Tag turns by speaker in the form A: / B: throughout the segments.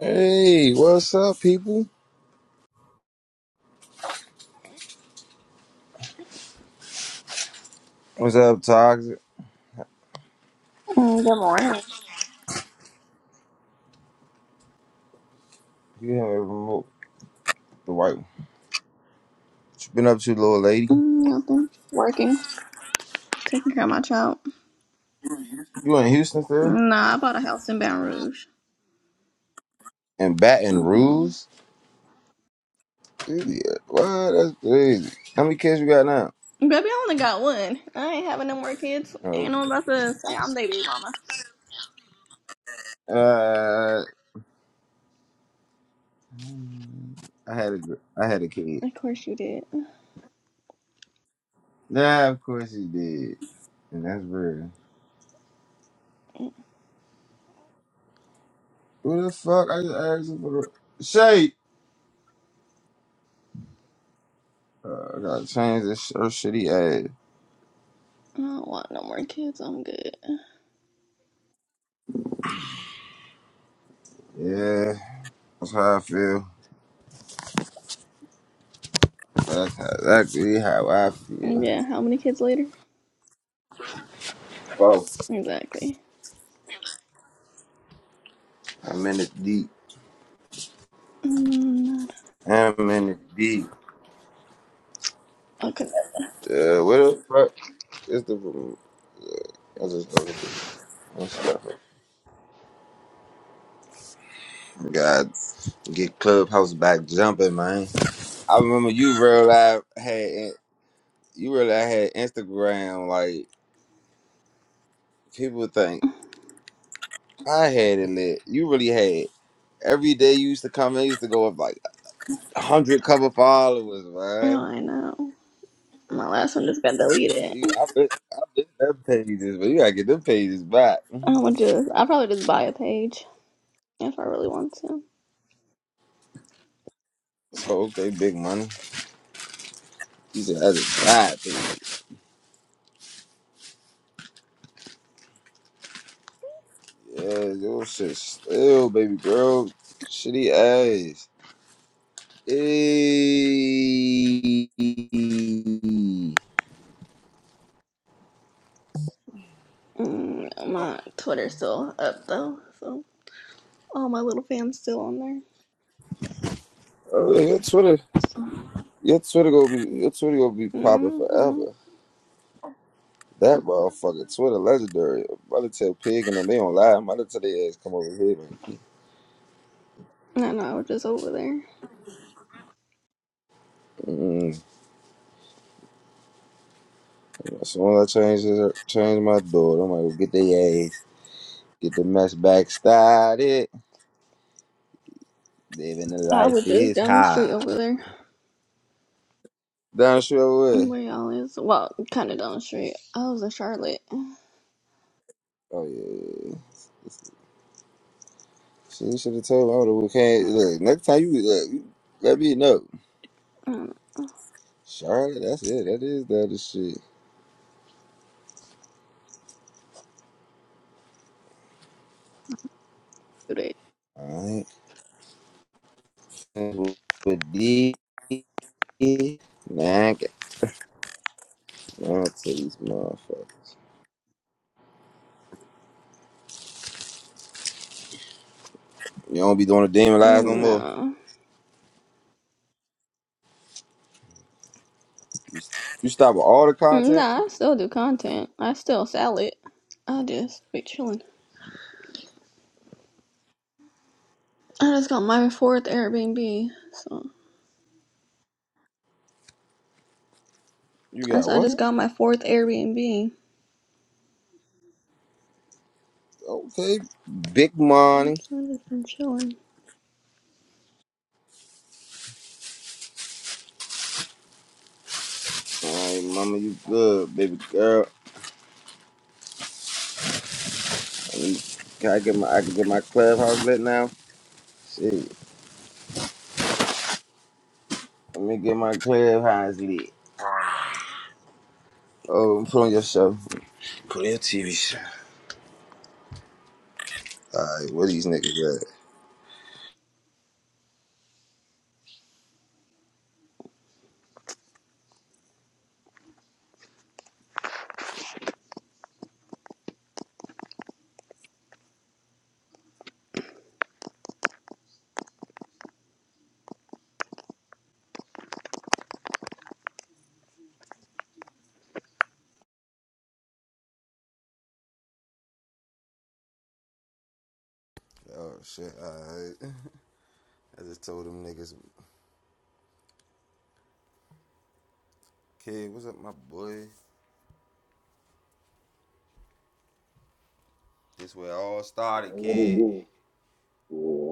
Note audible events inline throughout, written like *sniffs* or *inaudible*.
A: Hey, what's up, people? What's up, Toxic?
B: Mm, Good morning.
A: You haven't removed the white one. What you been up to, little lady?
B: Mm, Nothing. Working. Taking care of my child.
A: You in Houston still?
B: Nah, I bought a house in Baton Rouge.
A: And Baton
B: hmm
A: Rouge? Idiot. What? That's crazy. How many kids you got now?
B: Baby, I only got one. I ain't having no more kids.
A: Oh,
B: Ain't no one about to say I'm baby mama.
A: uh, I had a, gr- I had a kid.
B: Of course you did. I
A: Nah, of course you did, and that's real. Who the fuck? I just asked him for the shape. Uh, I gotta change this sh- her shitty ass.
B: don't want no more kids. I'm good.
A: Yeah, that's how I feel. That's exactly how I feel.
B: Yeah, how many kids later?
A: Bro,
B: Exactly.
A: I'm in it deep.
B: Mm,
A: I'm in it deep.
B: okay.
A: Uh, what the fuck is the room? I'll just go ahead. and stop it. God, get Clubhouse back jumping, man. I remember you real life had you really had Instagram. Like people think I had it lit. You really had. Every day you used to come in, you used to go up like a hundred cover followers,
B: Oh,
A: man.
B: I know. My last one just got deleted.
A: You, I bet, I bet them pages, but you gotta get them pages back. *laughs*
B: I would just, I probably just buy a page if I really want to.
A: So okay, big money. You said that's a side Yeah, your shit still, baby girl. Shitty ass. Hey.
B: Mm, my Twitter's still up though, so. All my little fans still on there.
A: Oh, yeah, your Twitter, your Twitter gonna be, your Twitter gonna be
B: hmm
A: popping forever. That motherfucker Twitter legendary. I'm about to tell Pig and them they don't lie. I'm about to tell their ass come over here. Man.
B: I was just over there.
A: Mm-mm. As soon as I change this, change my door, I'm gonna go get their ass, get the mess back started. Living the
B: I
A: life
B: was just
A: is
B: down the street
A: high.
B: over there.
A: Down the street over there.
B: Where y'all is? Well, kind of down the street. I was in Charlotte. I
A: Oh yeah. She should have told me I would have came. Look, next time you look, you let me know.
B: don't know.
A: Charlotte, that's it. That is the other shit.
B: Do they?
A: Alright. With D now I got down to these motherfuckers. You don't be doing the demon lies no more.
B: No.
A: You, you stop with all the content.
B: Nah, I still do content. I still sell it. I just be chilling. I just got my fourth Airbnb. So,
A: You
B: I s-
A: got
B: I just
A: what?
B: got my fourth Airbnb.
A: Okay. Big money.
B: So I just been chilling.
A: Alright, mama, you good, baby girl. Let me- Can I get my I can get my clubhouse lit now? Shit. Let me get my clubhouse lit. Oh, put on your show. Put in TV show. Alright, where these niggas at? Oh shit! Alright, *laughs* I just told them niggas, kid, what's up, my boy? This where it all started, kid.
C: What's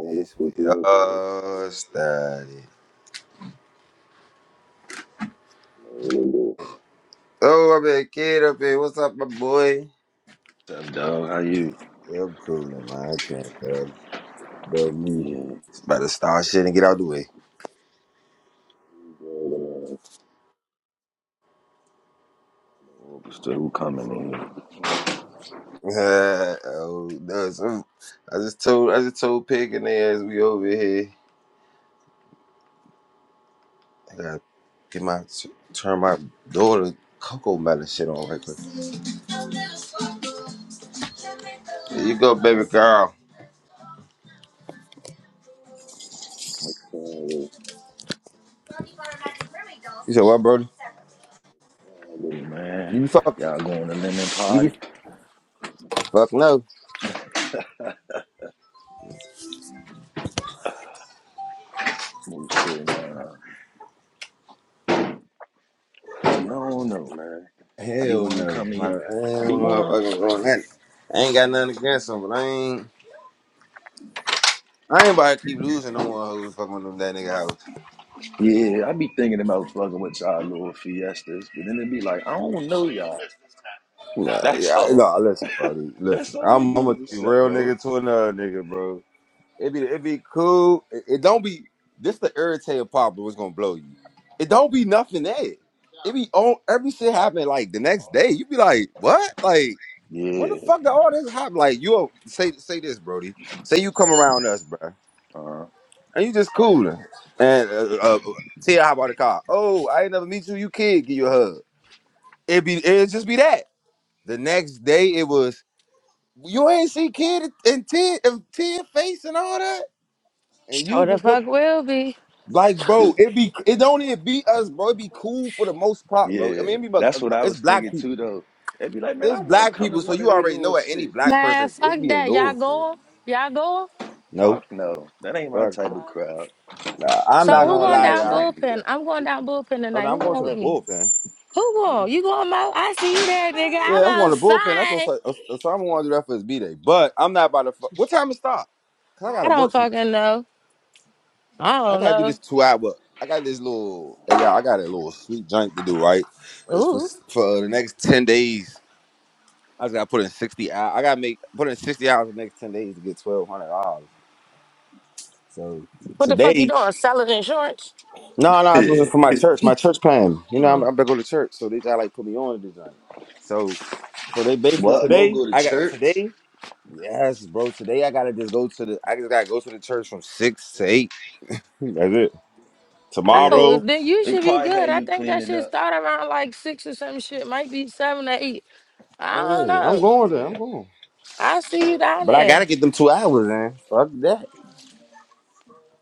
A: This way. all started. Oh, I'm a kid up here. What's up, my boy?
C: up, dog? How you?
A: Yeah, I'm coolin', man. I can't tell. Know me.
C: Yeah.
A: It's about to start shit and get out the way.
C: What's still who coming in
A: *laughs* oh, no, so I just told I just told Pig and they ass we over here. I gotta get my turn my daughter cocoa melon shit on right quick. Here you go, baby girl.
C: here?
A: You said what, Brody?
C: Hey, man,
A: You be fuck?
C: y'all going to lemon
A: You be
C: party?
A: fuck no?
C: Who's still nah? You don't know, man. I be
A: Hell
C: wanna
A: no!
C: come to
A: I, no, I
C: you.
A: ain't
C: I be
A: no
C: want.
A: motherfucking going that. I ain't got nothing against him, but I ain't. I ain't about to keep losing no one who's fucking with them that nigga house.
C: Yeah, I be thinking about fucking with y'all little fiestas, but then it be like, I don't know y'all.
A: Nah, yeah,
C: That's
A: I-
C: all.
A: nah, listen, Brody.
C: That's
A: Listen,
C: all it
A: I'm,
C: be
A: I'm a
C: to accept,
A: real
C: bro.
A: nigga to another nigga, bro. It be it be cool. It, it don't be this the irritating part, but what's gonna blow you. It don't be nothing there. It be on every shit happen like the next day. You be like, what? Like when the
C: Yeah.
A: fuck did all this happen? Like you a- say say this, Brody. Say you come around us, bruh.
C: Uh-huh.
A: and you just cooling. And uh, uh, Tia hop out the car. Oh, I ain't never meet you. You kid, give you a hug. It be it just be that. The next day it was you ain't see kid and Tia and Tia face and all that, and
D: Sure
A: you
D: the
A: just look.
D: fuck will be.
A: Like, bro, it be it don't even be us, bro. It be cool for the most part, bro. I
C: Yeah,
A: mean, it be but
C: that's
A: uh,
C: what
A: uh,
C: I
A: it's
C: was
A: black
C: thinking
A: people.
C: too, though. They'd be like, man, I
A: It's
C: want to
A: black
C: come to
A: people, so
C: one of
A: you
C: they
A: already
C: little
A: know that any
C: shit.
A: black
D: Man,
A: person
D: fuck
A: it be a
D: that. Y'all
A: little shit.
D: going? Y'all going?
A: No,
C: Fuck no, that ain't my
A: fuck
D: Uh,
C: type
A: no.
C: of crowd.
A: Nah, I'm not
D: So who
C: Nah,
A: gonna
C: I
D: going
A: lie,
C: ain't
D: down
A: y'all.
C: trying to do that.
D: bullpen?
C: *laughs*
D: I'm going down bullpen
A: Oh, no,
D: tonight. Who
A: I'm going
D: going
A: to the
D: with me?
A: bullpen.
D: Who going? You going, Mo? I see you there, nigga.
A: Yeah, I'm
D: I'm
A: going to the bullpen. That's what
D: outside.
A: Os- Os- Osama wanted to do that for his b day. But I'm not about to. Fu- what time it start? Cause I
D: I
A: gotta
D: don't
A: work from.
D: fucking know. I
A: I
D: don't
A: gotta do
D: know.
A: this two hour. work. I got this little. Yeah, I got a little sweet junk to do. Right, it's for
D: Ooh.
A: for the next ten days. I just gotta put in sixty hours. I gotta make put in sixty hours the next ten days to get twelve hundred dollars. So
D: What the fuck you
A: today,
D: doing? Selling insurance?
A: no, no, it was
C: Yeah,
A: just for my church. My church plan. You know, I'm,
D: Oh.
A: I'm gonna go to church, so they try like put me on to this joint. So, so they basically
C: what? Mo
A: today.
C: go to
A: I got
C: church?
A: today. Yes, bro. Today I gotta just go to the. I just gotta go to the church from six to eight. *laughs* That's it.
C: Oh yeah, they
D: Oh,
A: Tomorrow.
D: then you
C: they
D: should be
C: probably
D: good.
C: had
D: I
C: you
D: think that
C: cleaning
D: shit
C: up.
D: start around like six or some shit. Might be seven or eight. I don't
A: Oh yeah, I'm
D: know.
A: going there. I'm
C: Yeah,
A: going.
D: I'll see you down
A: But I gotta
D: there.
A: get them two hours, man. Fuck that.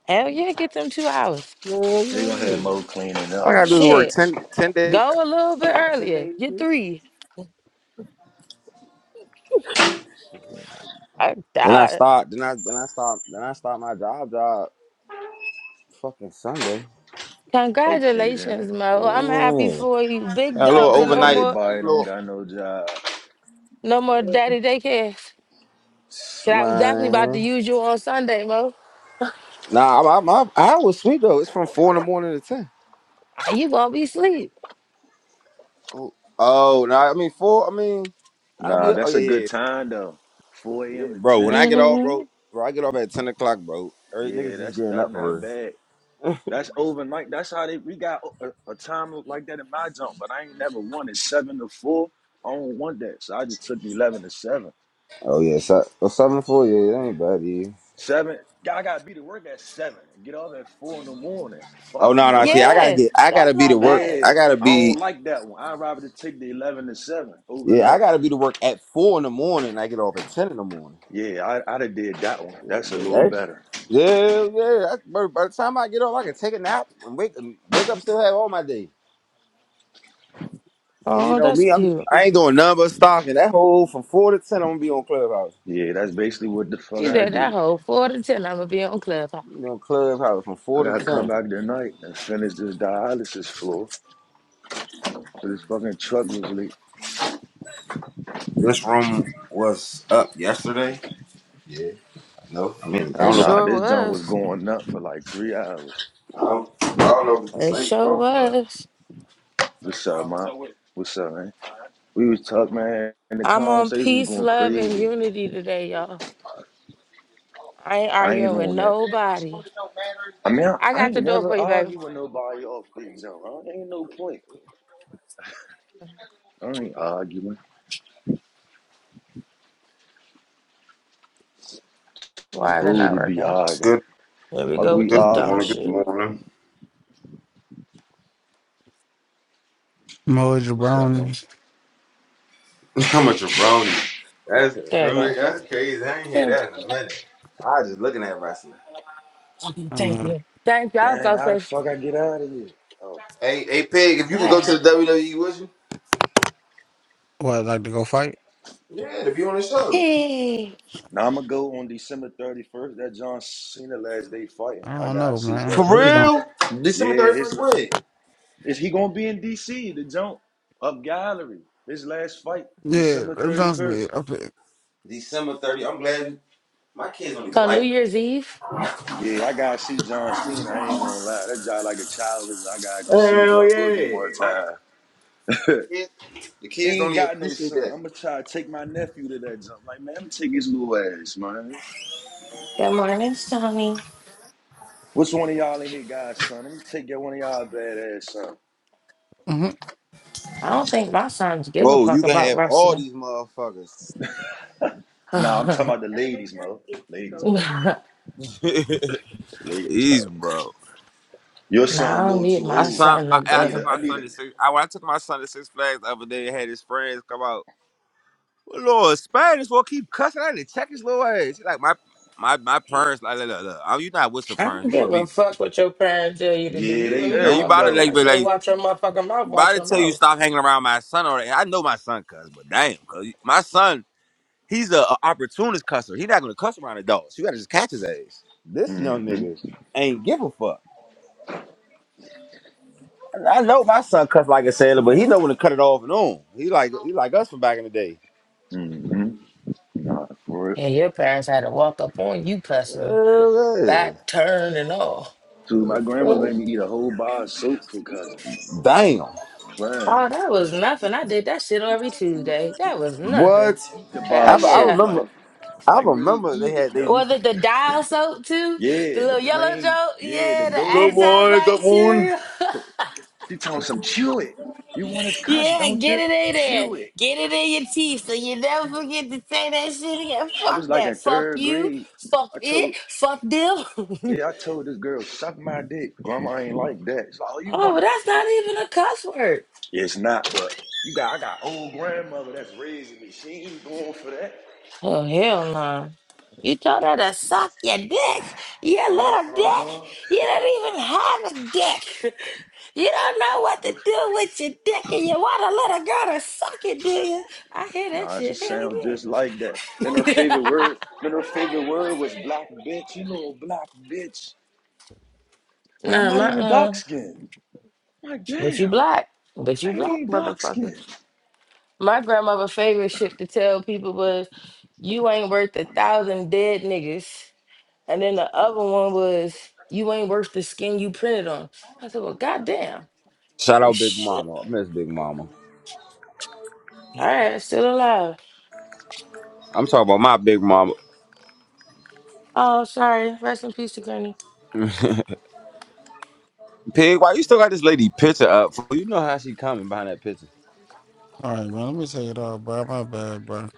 D: Hell yeah, get them two hours.
A: Yeah,
C: they gonna have
A: yeah.
C: Mo cleaning
A: All I
C: up in
A: gotta
C: the
A: do is work
C: church.
D: Shit.
A: 10, 10 days.
D: Go a little bit
A: Ten
D: earlier. Get
A: days.
D: three. I
A: Then I
D: died.
A: stopped. Then I then I stopped. Then I stopped my job. Job fucking Sunday.
C: Okay then,
D: Congratulations, Mo. I'm happy
A: Man,
D: for you. Big
A: a
C: they
A: little
D: dog. So
C: think that
D: no
A: overnight.
D: more,
A: A
C: everybody don't
A: little
C: got no job.
D: no more daddy daycare. 'Cause
A: *sniffs*
D: I was definitely about to
A: man.
D: use you on Sunday, Mo.
A: Nah, I, I, I, I was sweet though. It's from four in the morning to ten.
D: Ah, You gonna be asleep.
A: Oh, oh, nah, I mean four. I mean, I be.
C: Nah,
A: Oh
C: that's
A: yeah,
C: a
A: yeah,
C: good
A: yeah,
C: time though. 4
A: Yeah,
C: a.m. to
A: bro. When
C: 10.
A: I get off,
D: hmm
A: bro, bro, I get off at ten o'clock, bro. Er,
C: Yeah,
A: niggas just
C: that's
A: getting
C: that's
A: up
C: not
A: for real.
C: bad. That's overnight. That's how they we got a, a time like that in my zone, but I ain't never won it seven to four. I don't want that, so I just took the eleven to seven.
A: Oh yeah, so, oh, seven to four. Yeah, that ain't bad. Yeah.
C: Seven, I gotta be to work at seven and get off at four in the morning.
A: Oh
C: Fuck
A: no, no.
C: no, I
A: See,
C: ain't.
A: I gotta
D: Yeah,
A: get. I
D: that's
A: gotta be to
D: not
A: work.
D: bad.
C: yeah,
A: I gotta
C: I
A: be.
C: don't like that one. I'd rather just take the eleven to seven
A: Yeah,
C: overnight.
A: I gotta be to work at four in the morning. I get off at ten in the morning.
C: Yeah, I I'd have did that one.
A: Yeah,
C: That's a little
A: that-
C: better.
A: yeah. yeah. I, by, by the time I get off, I can take a nap and wake and wake up still have all my day. You
D: Oh,
A: know
D: that's
A: me,
C: Yeah,
A: I'm
D: cute.
A: I ain't doing nothing but stalking. That whole from four to ten, I'm gonna be on Clubhouse.
C: yeah, that's basically what the fuck
D: You
C: I
D: did that
C: do.
D: whole four to ten. I'm gonna be on Clubhouse.
A: You know, Clubhouse from
C: I
A: four to
C: gotta come
A: ten.
C: back tonight and finish this dialysis floor. This fucking truck was
A: This room was up yesterday. Yeah, I know. I mean, I
D: It
A: don't know.
C: Nah,
D: sure
C: this joint was
D: was.
C: going up for like three hours.
A: I don't, I don't know if it's
D: It
A: the same
D: sure
A: room, but
D: was.
C: What's up, man? What's up, man? We was talking, man, and the
D: I'm on
C: conversation was
D: peace,
C: going
D: love, and
C: crazy.
D: unity today, y'all. I ain't
C: I ain't
D: arguing with
C: on that.
D: nobody.
C: I mean, I,
D: I
C: I
D: got the
C: ain't
D: door for
C: never
D: you, baby.
C: argue with nobody off this joint. Right? Ain't no point. I ain't arguing.
D: Why is it
C: Fool
D: not
C: to be
D: working?
C: arguing.
A: good.
D: Here we
C: Fuck
D: go with
C: we
A: Good
D: this dumb
A: morning. Good
C: arguing
D: shit.
C: for?
A: morning.
E: Mo
C: What's up, man?
E: Jabroni.
A: *laughs* I'm a jabroni. That's
D: There you
A: crazy.
D: go.
A: That's crazy. I ain't hear
D: Thank
A: that in a
D: you.
A: minute. I was just looking at wrestling.
E: I don't
D: Thank
E: know.
D: you. Thank you. I was
C: Damn,
D: about to
C: how the
D: say,
C: fuck I get out of here? Oh,
A: Hey, hey, Pig, if you could go
D: dang.
A: to the WWE, would you?
E: What, like to go fight?
A: Yeah, to be on the show.
D: Hey.
C: now I'ma go on December thirty first. That John Cena last day fighting.
E: I
C: I
E: don't
C: gotta
E: know,
C: see
E: man.
A: For
C: Rob
E: Let me
C: Boogie.
E: know.
A: real? December
C: Yeah, his.
A: 31st, when?
C: Is he gonna be in DC to jump up gallery? His last fight,
E: Yeah,
C: December
E: that
C: thirty
E: sounds
C: first.
E: good. Okay.
A: December 30 I'm glad you- my kids don't even
D: So New
A: like that.
D: Year's Eve.
C: Yeah, I gotta see John Cena. I ain't gonna lie, that job like a childhood. I gotta go see Bro Boogie one time. *laughs*
A: The kids, the
C: he
A: kids
C: ain't
A: don't even
C: got no
A: appreciate
C: son.
A: that.
C: I'ma try to take my nephew to that jump. Like man, I'ma take his little ass, man.
D: Good morning, Sonny.
C: What's one of y'all in here, guys, son? Let me take your one of y'all bad ass son.
E: Mm-hmm.
D: I don't think my sons give a
A: Bro, you
D: fuck
A: can
D: about
A: have all
D: wrestling.
A: these motherfuckers.
C: Nah, I'm talking
D: *laughs*
C: about the ladies, mo. Ladies, mo.
A: *laughs*
C: Ladies, mo.
A: These, bro.
C: Your son
D: Nah,
C: a
D: I don't
C: little
D: need
C: too
A: I
D: my
C: old.
A: son,
D: son
A: I,
D: to
C: I
A: I
C: need
A: took
C: a.
D: go.
C: I
A: my
C: need
A: son
C: a.
A: to six. I, when I took my son to Six Flags the other day, I had his friends come out. Well, Lord, Spain is gonna keep cussing I need to check his little ass. He Like my my my parents, like look, look, look. Oh, you not with your
D: I
A: parents,
D: don't
A: you with
D: give a
A: me,
D: fuck what your parents tell you to do.
C: Yeah,
D: You
C: they
D: and
A: bro.
D: me,
A: Yeah, you
C: don't
A: about to
D: motherfucker.
A: like,
D: I
C: though.
A: be
D: say,
A: like,
D: watch your motherfucking mouth,
A: about
D: watch
A: to
D: your
A: tell you
D: mouth.
A: stop hanging around my son. Or I know my son cuss, but damn, cause my son, he's a, a opportunist cusser. He not gonna cuss around adults. You gotta just catch his ass. This young
C: hmm
A: nigga ain't give a fuck. I know my son cuss like a sailor, but he know when to cut it off and on. He like he like us from back in the day.
C: hmm Nah, for it.
D: And your parents had to walk up on you cussing.
A: Uh,
D: back turn and all.
C: dude. my
A: yeah.
C: grandma
A: Uh,
C: made me eat a whole bar of soap for cousin.
A: Damn.
C: Plain.
D: Oh, that was nothing. I did that shit every Tuesday. That was nothing.
A: What?
C: Really eat the
D: Hell
A: I,
C: bar of
A: I
C: soap,
D: yeah.
C: like,
A: remember. I
C: like really
A: remember they
C: eat
A: had
C: it
A: they
C: though.
A: used
D: Was
A: to.
D: it the dial soap too? The
C: Yeah, the
D: little yellow
C: plain,
D: joke?
C: yeah, the
D: Yeah, the
C: gold
A: Good
C: one.
A: morning, good morning.
D: antibacterial. *laughs*
C: She told me some chew it. You want his cousin,
D: Yeah,
C: don't
D: get
C: you?
D: it in there.
C: Chew it.
D: Get it in your teeth so you never forget to say that shit again.
C: I was
D: Fuck
C: like
D: that.
C: in
D: Fuck
C: third
D: you.
C: grade. I
D: Fuck it.
C: told,
D: Fuck them. *laughs*
C: yeah, I told this girl, suck my dick. Grandma ain't like that. It's like, oh, you
D: oh, but
C: wanna?
D: that's not even a cuss word.
C: Yeah, it's not, but you got, I got old grandmother that's raising me. She ain't going for that.
D: Oh hell no. You told her to suck your dick, your little dick.
C: Uh-huh.
D: You don't even have a dick. You don't know what to do with your dick, and you want a little girl to suck it, do you? I hear that
C: Nah, she
D: shit. Hell
C: sounds just like that. Then her favorite
D: yeah.
C: word, then her favorite word was black bitch. You know, black bitch.
D: *laughs*
C: Like I'm
D: nah,
C: not
D: my
C: even dark
D: uh,
C: skinned. Like
D: but you
C: damn,
D: black. But
C: I
D: you
C: ain't
D: black,
C: even dark
D: motherfucker.
C: skinned.
D: My grandmother' favorite shit to tell people was, "You ain't worth a thousand dead niggas." And then the other one was, you ain't worth the skin you printed on. I said, well, goddamn.
A: Shout
D: Well,
A: out Big
D: shit.
A: Mama. I miss Big Mama.
D: All right, still alive.
A: I'm talking about my Big Mama.
D: Oh, sorry. Rest in peace to Granny.
A: Pig, why you still got this lady picture up? fool? You know how she coming behind that picture.
E: All right, man. Let me tell you though, bro. My bad, bro.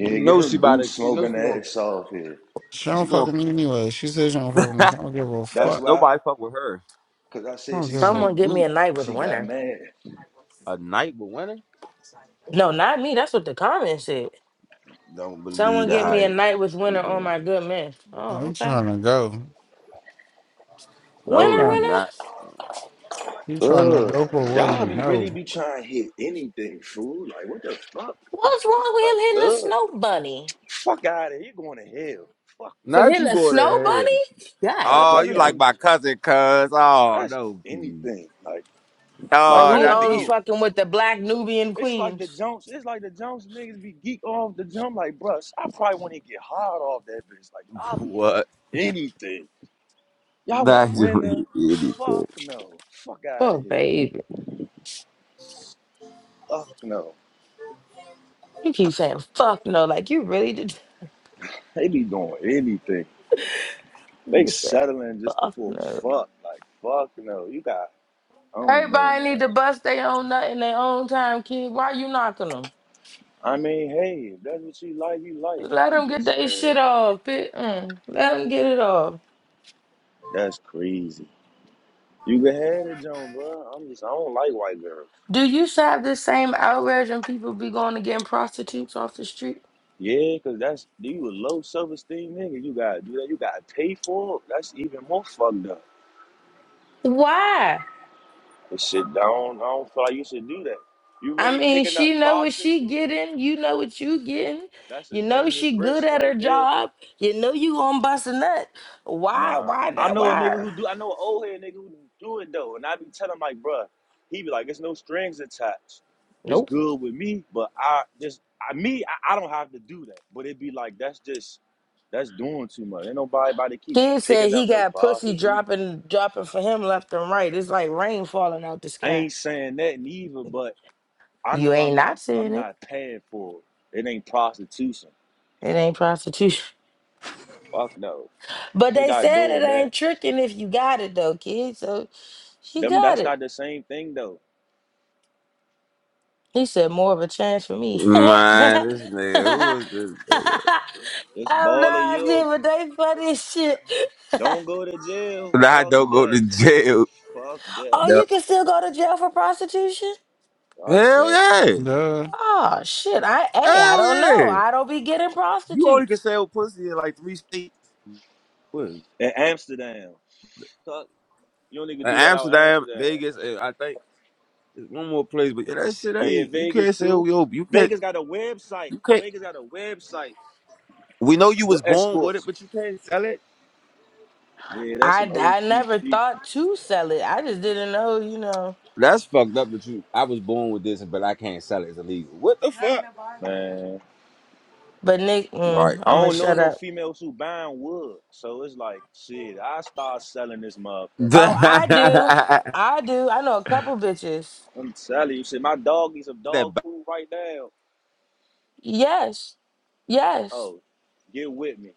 A: You
C: get
A: know
C: her
A: she about
C: boot
A: to. You know
C: smoking
A: she gonna.
C: ass off here.
E: She don't
A: She
E: fuck
A: gonna.
E: with me anyway. She says she don't fuck with me. So
A: *laughs*
E: I don't give a
A: That-
C: That's
E: fuck.
C: why,
A: Nobody fuck with her.
C: cause I
E: I
C: said
E: don't
C: she
E: give a.
D: Someone
C: smoked
D: get me
C: boot.
D: a night with
C: She got
D: winter.
C: mad.
A: A night with winning.
D: No, not me. That's what the comment said.
A: Don't
D: Someone
A: believe the
D: get me a
A: hype.
D: night with
C: How you
D: winter on
C: doing?
D: my good man.
E: Oh,
D: Oh,
E: you
D: okay.
E: trying to go? You
A: No,
D: Winter,
A: you
E: trying?
D: winter?
A: not.
E: You trying to
C: Ugh,
E: go for what do
C: y'all
E: you
C: be really
E: know?
C: be trying to hit anything, fool. Like what the fuck?
D: What's wrong with
C: Like
D: him hitting a
C: ugh,
D: snow bunny?
C: fuck out of here. You going to hell? Fuck no.
D: For
A: Not
D: hitting
A: you
D: a
A: go to
D: snow
A: hell.
D: bunny? God
A: Oh, you
C: Motherfuckers be
D: damn.
A: like my cousin, cuz. Oh
C: That's
A: no, kid.
C: anything. Like, like
D: Oh,
A: Oh,
C: I
D: he
A: not to
C: don't
D: only
A: eat.
C: know.
D: fucking with the black Nubian
C: It's like the
D: queens.
C: Jones. It's like the Jones niggas be geek off the jump. Like, bruh, I probably want to get hard off that bitch. Like, I'll
A: *laughs*
C: be
A: What?
C: doing anything. Y'all want
A: don't
C: winner?
A: eat *laughs* anything.
C: Fuck no. Fuck out
D: Oh,
C: of here.
D: baby.
C: Fuck no.
D: He keeps saying, fuck no. Like, you really did.
C: They be doing anything.
D: *laughs*
C: They
D: Nigga said,
C: settling just
D: fuck
C: for
D: no.
C: fuck. Like, fuck no. You got. I don't know,
D: Everybody need to
C: man.
D: bust their own nut in their own time, kid. Why you knocking them?
C: I mean, hey, if that's what you like, you like.
D: Let
C: I'm
D: them get
C: just
D: their shit
C: saying.
D: off. Bit. Mm. Let them get it off.
C: That's crazy. You can have it, John, bro. I'm just, I don't like white girls.
D: Do you have the same outrage when people be going to getting prostitutes off the street?
C: Yeah, cause that's you a low self esteem nigga. You gotta do that. You gotta pay for it. That's even more fucked up.
D: Why?
C: This shit, I don't, I don't feel like you should do that. You
D: I
C: really
D: mean,
C: picking up
D: she know what she
C: prostitutes?
D: getting. You know what you getting.
C: That's a
D: You know
C: dangerous
D: she good
C: risk
D: at
C: right
D: her
C: there.
D: job. You know you gonna bust a nut. Why?
C: Nah,
D: Why
C: I
D: not?
C: know a nigga
D: Why?
C: who do. I know an old head nigga who do it though, and I be telling him like, bruh, he be like, it's no strings attached. It's
D: Nope.
C: good with me, but I just, I me, I, I don't have to do that. But it be like that's just, that's doing too much. Ain't nobody about to keep
D: Kid said
C: picking up
D: he
C: no
D: got pussy
C: prostitute.
D: dropping dropping for him left and right. It's like rain falling out the
C: I
D: sky.
C: ain't saying that neither, but I
D: You
C: know I'm
D: ain't
C: not,
D: not
C: I'm
D: seeing it.
C: not paying for it. It ain't prostitution.
D: It ain't prostitution. *laughs*
C: Fuck no,
D: But
C: you're
D: they
C: not
D: said it
C: doing that.
D: ain't tricking if you got it though, kid. So she
C: Them,
D: got
C: that's not
D: it.
C: the same thing though.
D: He said more of a chance for me. *laughs* I
A: Man, this nigga, who is this nigga?
C: It's
D: have
C: balling
D: no
C: your.
D: idea, but they funny as shit.
C: Don't go to jail.
A: Nah, I
C: Fuck
A: don't go
C: that.
A: to jail.
C: Fuck that.
D: Oh, you
A: Yep.
D: can still go to jail for prostitution?
C: Fuck
A: Hell
C: that.
A: yeah.
E: Duh.
D: Oh shit. I hey, I
A: Hell
D: don't know.
A: yeah.
D: I don't be getting
A: You only can
D: prostitutes.
A: sell pussy in like three states. What? in
C: In Amsterdam. Fuck. You don't even do that out in
A: Amsterdam,
C: Amsterdam.
A: Vegas, and I think there's one more place, but yeah, that shit
C: Yeah,
A: ain't you
C: Vegas
A: can't
C: too.
A: sell yo you can't
C: Vegas got a website.
A: you can't
C: Vegas got a website
A: we know you
C: with
A: was born with it,
C: escorts.
A: but you can't sell it.
C: Yeah, that's some
D: I, I never
C: OCC.
D: thought to sell it. I just didn't know, you know.
A: That's fucked up that you I was born with this but I can't sell it. It's illegal. What the Not in fuck? a bargain.
C: Man,
D: But Nick, mm,
C: I
D: I'm gonna
C: don't know
D: shut
C: no
D: up.
C: females who buying wood. So it's like, shit, I start selling this motherfucker.
D: Oh, I do.
A: Right.
D: I do. I know a couple bitches.
C: I'm telling you, shit, my dog needs some
A: *laughs* that
C: dog food right now.
D: Yes. Yes.
C: Oh, get with me.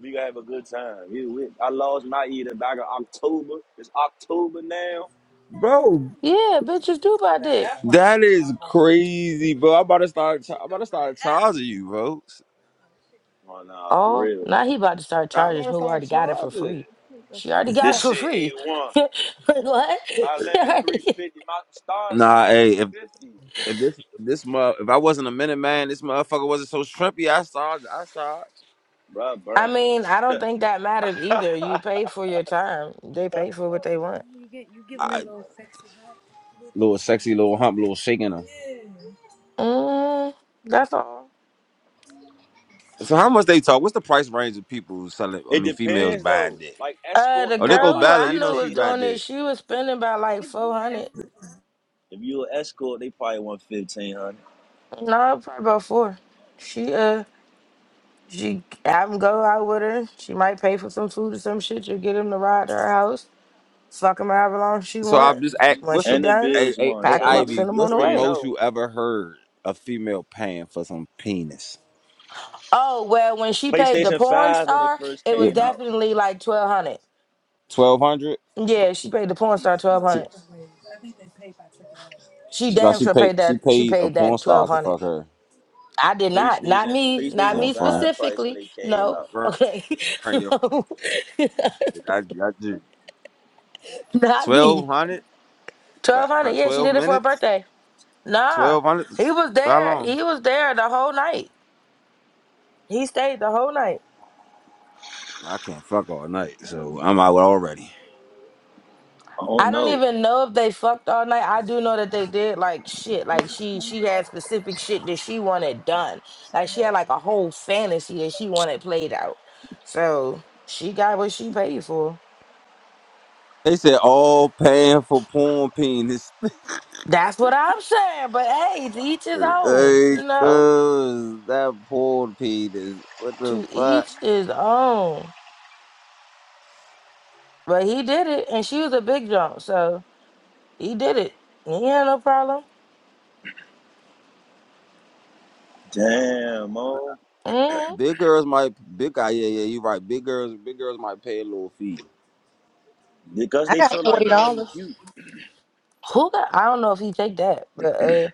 C: We gonna have a good time. Get with me. I lost my eater back in October. It's October now.
A: Bro,
D: Yeah, bitches do buy dick.
A: that is crazy, bro. I'm about to start. Cha- I'm about to start charging you, bro.
C: Oh nah, for
D: Oh,
C: real.
D: now he about to start
A: I'm
D: charging
A: about to
D: who
A: start
D: already got it for
A: charging.
D: free. She already got
C: This
D: it for
C: shit eight
D: free. *laughs*
C: one.
D: what? She
C: My limit three
D: already...
C: fifty. My starting price
A: Nah,
C: three
A: hey, if
C: fifty.
A: if this this mo- if I wasn't a minute man, this motherfucker wasn't so shrimpy. I charge. I charge.
C: Bruh,
D: I
C: burnt.
D: mean, I don't think that matters either. You pay for your time. They pay for what they want.
C: Bruh,
A: I
C: bruh.
A: little sexy, little hump, little shaking her.
D: Mm, that's all.
A: So how much they talk? What's the price range of people selling? I
C: It
A: mean, females
C: depends
A: buying
C: though.
A: dick.
C: Like
D: Uh,
C: escorts
D: the
A: Oh, they
C: probably
A: go
D: girl
C: like
D: who
A: Bella.
D: I
A: You
D: knew
A: know
D: was
A: she
C: fifteen
A: buy
D: doing
C: hundred.
D: it,
A: dick.
D: she was spending about like four hundred.
C: If you an escort, they probably want fifteen hundred.
D: No, probably about four. She uh, she have him go out with her. She might pay for some food or some shit. You get him to ride to her house. Fuck him however long she
A: So
D: want.
A: I'm just act.
D: When
A: What's
D: she
A: the
C: And the
D: done,
A: a
C: Bills
A: a
C: won.
A: a
D: pack him
C: Told
D: up,
C: them
D: send
A: Ivy?
D: him
C: we
D: on
A: What's
D: the
A: the
C: three and
D: way.
A: most
C: zero.
A: you ever heard a female paying for some penis?
D: Oh well, when she paid the
C: PlayStation
D: porn
C: Five when it
D: star,
C: first
D: it
A: Yeah,
D: was
C: came out.
D: definitely like twelve hundred.
A: twelve hundred.
D: Yeah, she paid the porn star twelve hundred. She
A: No,
D: damn
A: she
D: sure
A: paid.
D: paid
A: She
D: that. She
A: paid a
D: paid
A: porn
D: that
A: star
D: twelve
A: to
D: hundred.
A: fuck her,
D: I did not. Not
C: PlayStation
D: me. Not
C: PlayStation
A: her
D: me
A: friend.
C: Five price when
D: specifically.
C: it came
D: No.
C: out.
A: Friend,
D: Okay. *laughs*
A: your friend.
D: No. *laughs*
A: I, I do
D: not
A: twelve
D: me.
A: hundred for,
D: Twelve hundred.
A: for
D: Yeah, she
A: twelve
D: did it for her
A: minutes.
D: birthday. Nah.
A: Twelve hundred.
D: He was
A: How
D: there.
A: long?
D: He was there the whole night. He stayed the whole night.
A: I can't fuck all night, so I'm out already.
C: Oh
D: I don't
C: no.
D: even know if they fucked all night. I do know that they did like shit. Like she she had specific shit that she wanted done. Like she had like a whole fantasy that she wanted played out. So she got what she paid for.
A: They said all paying for porn penis.
D: That's what I'm saying. But hey, to each his own,
A: Hey,
D: you know?
A: cuz that pulled Peters. What the
D: To
A: fuck?
D: each his own. But he did it, and she was a big jump, so he did it. He ain't had no problem.
C: Damn, oh.
D: hmm
A: Big girls might big guy. Yeah, yeah, you right. Big girls, big girls might pay a little fee.
C: Because
F: I
C: they
F: got
C: feel like
F: forty
C: they ain't
F: dollars.
C: cute.
D: Who got? I don't know if he take that, but uh,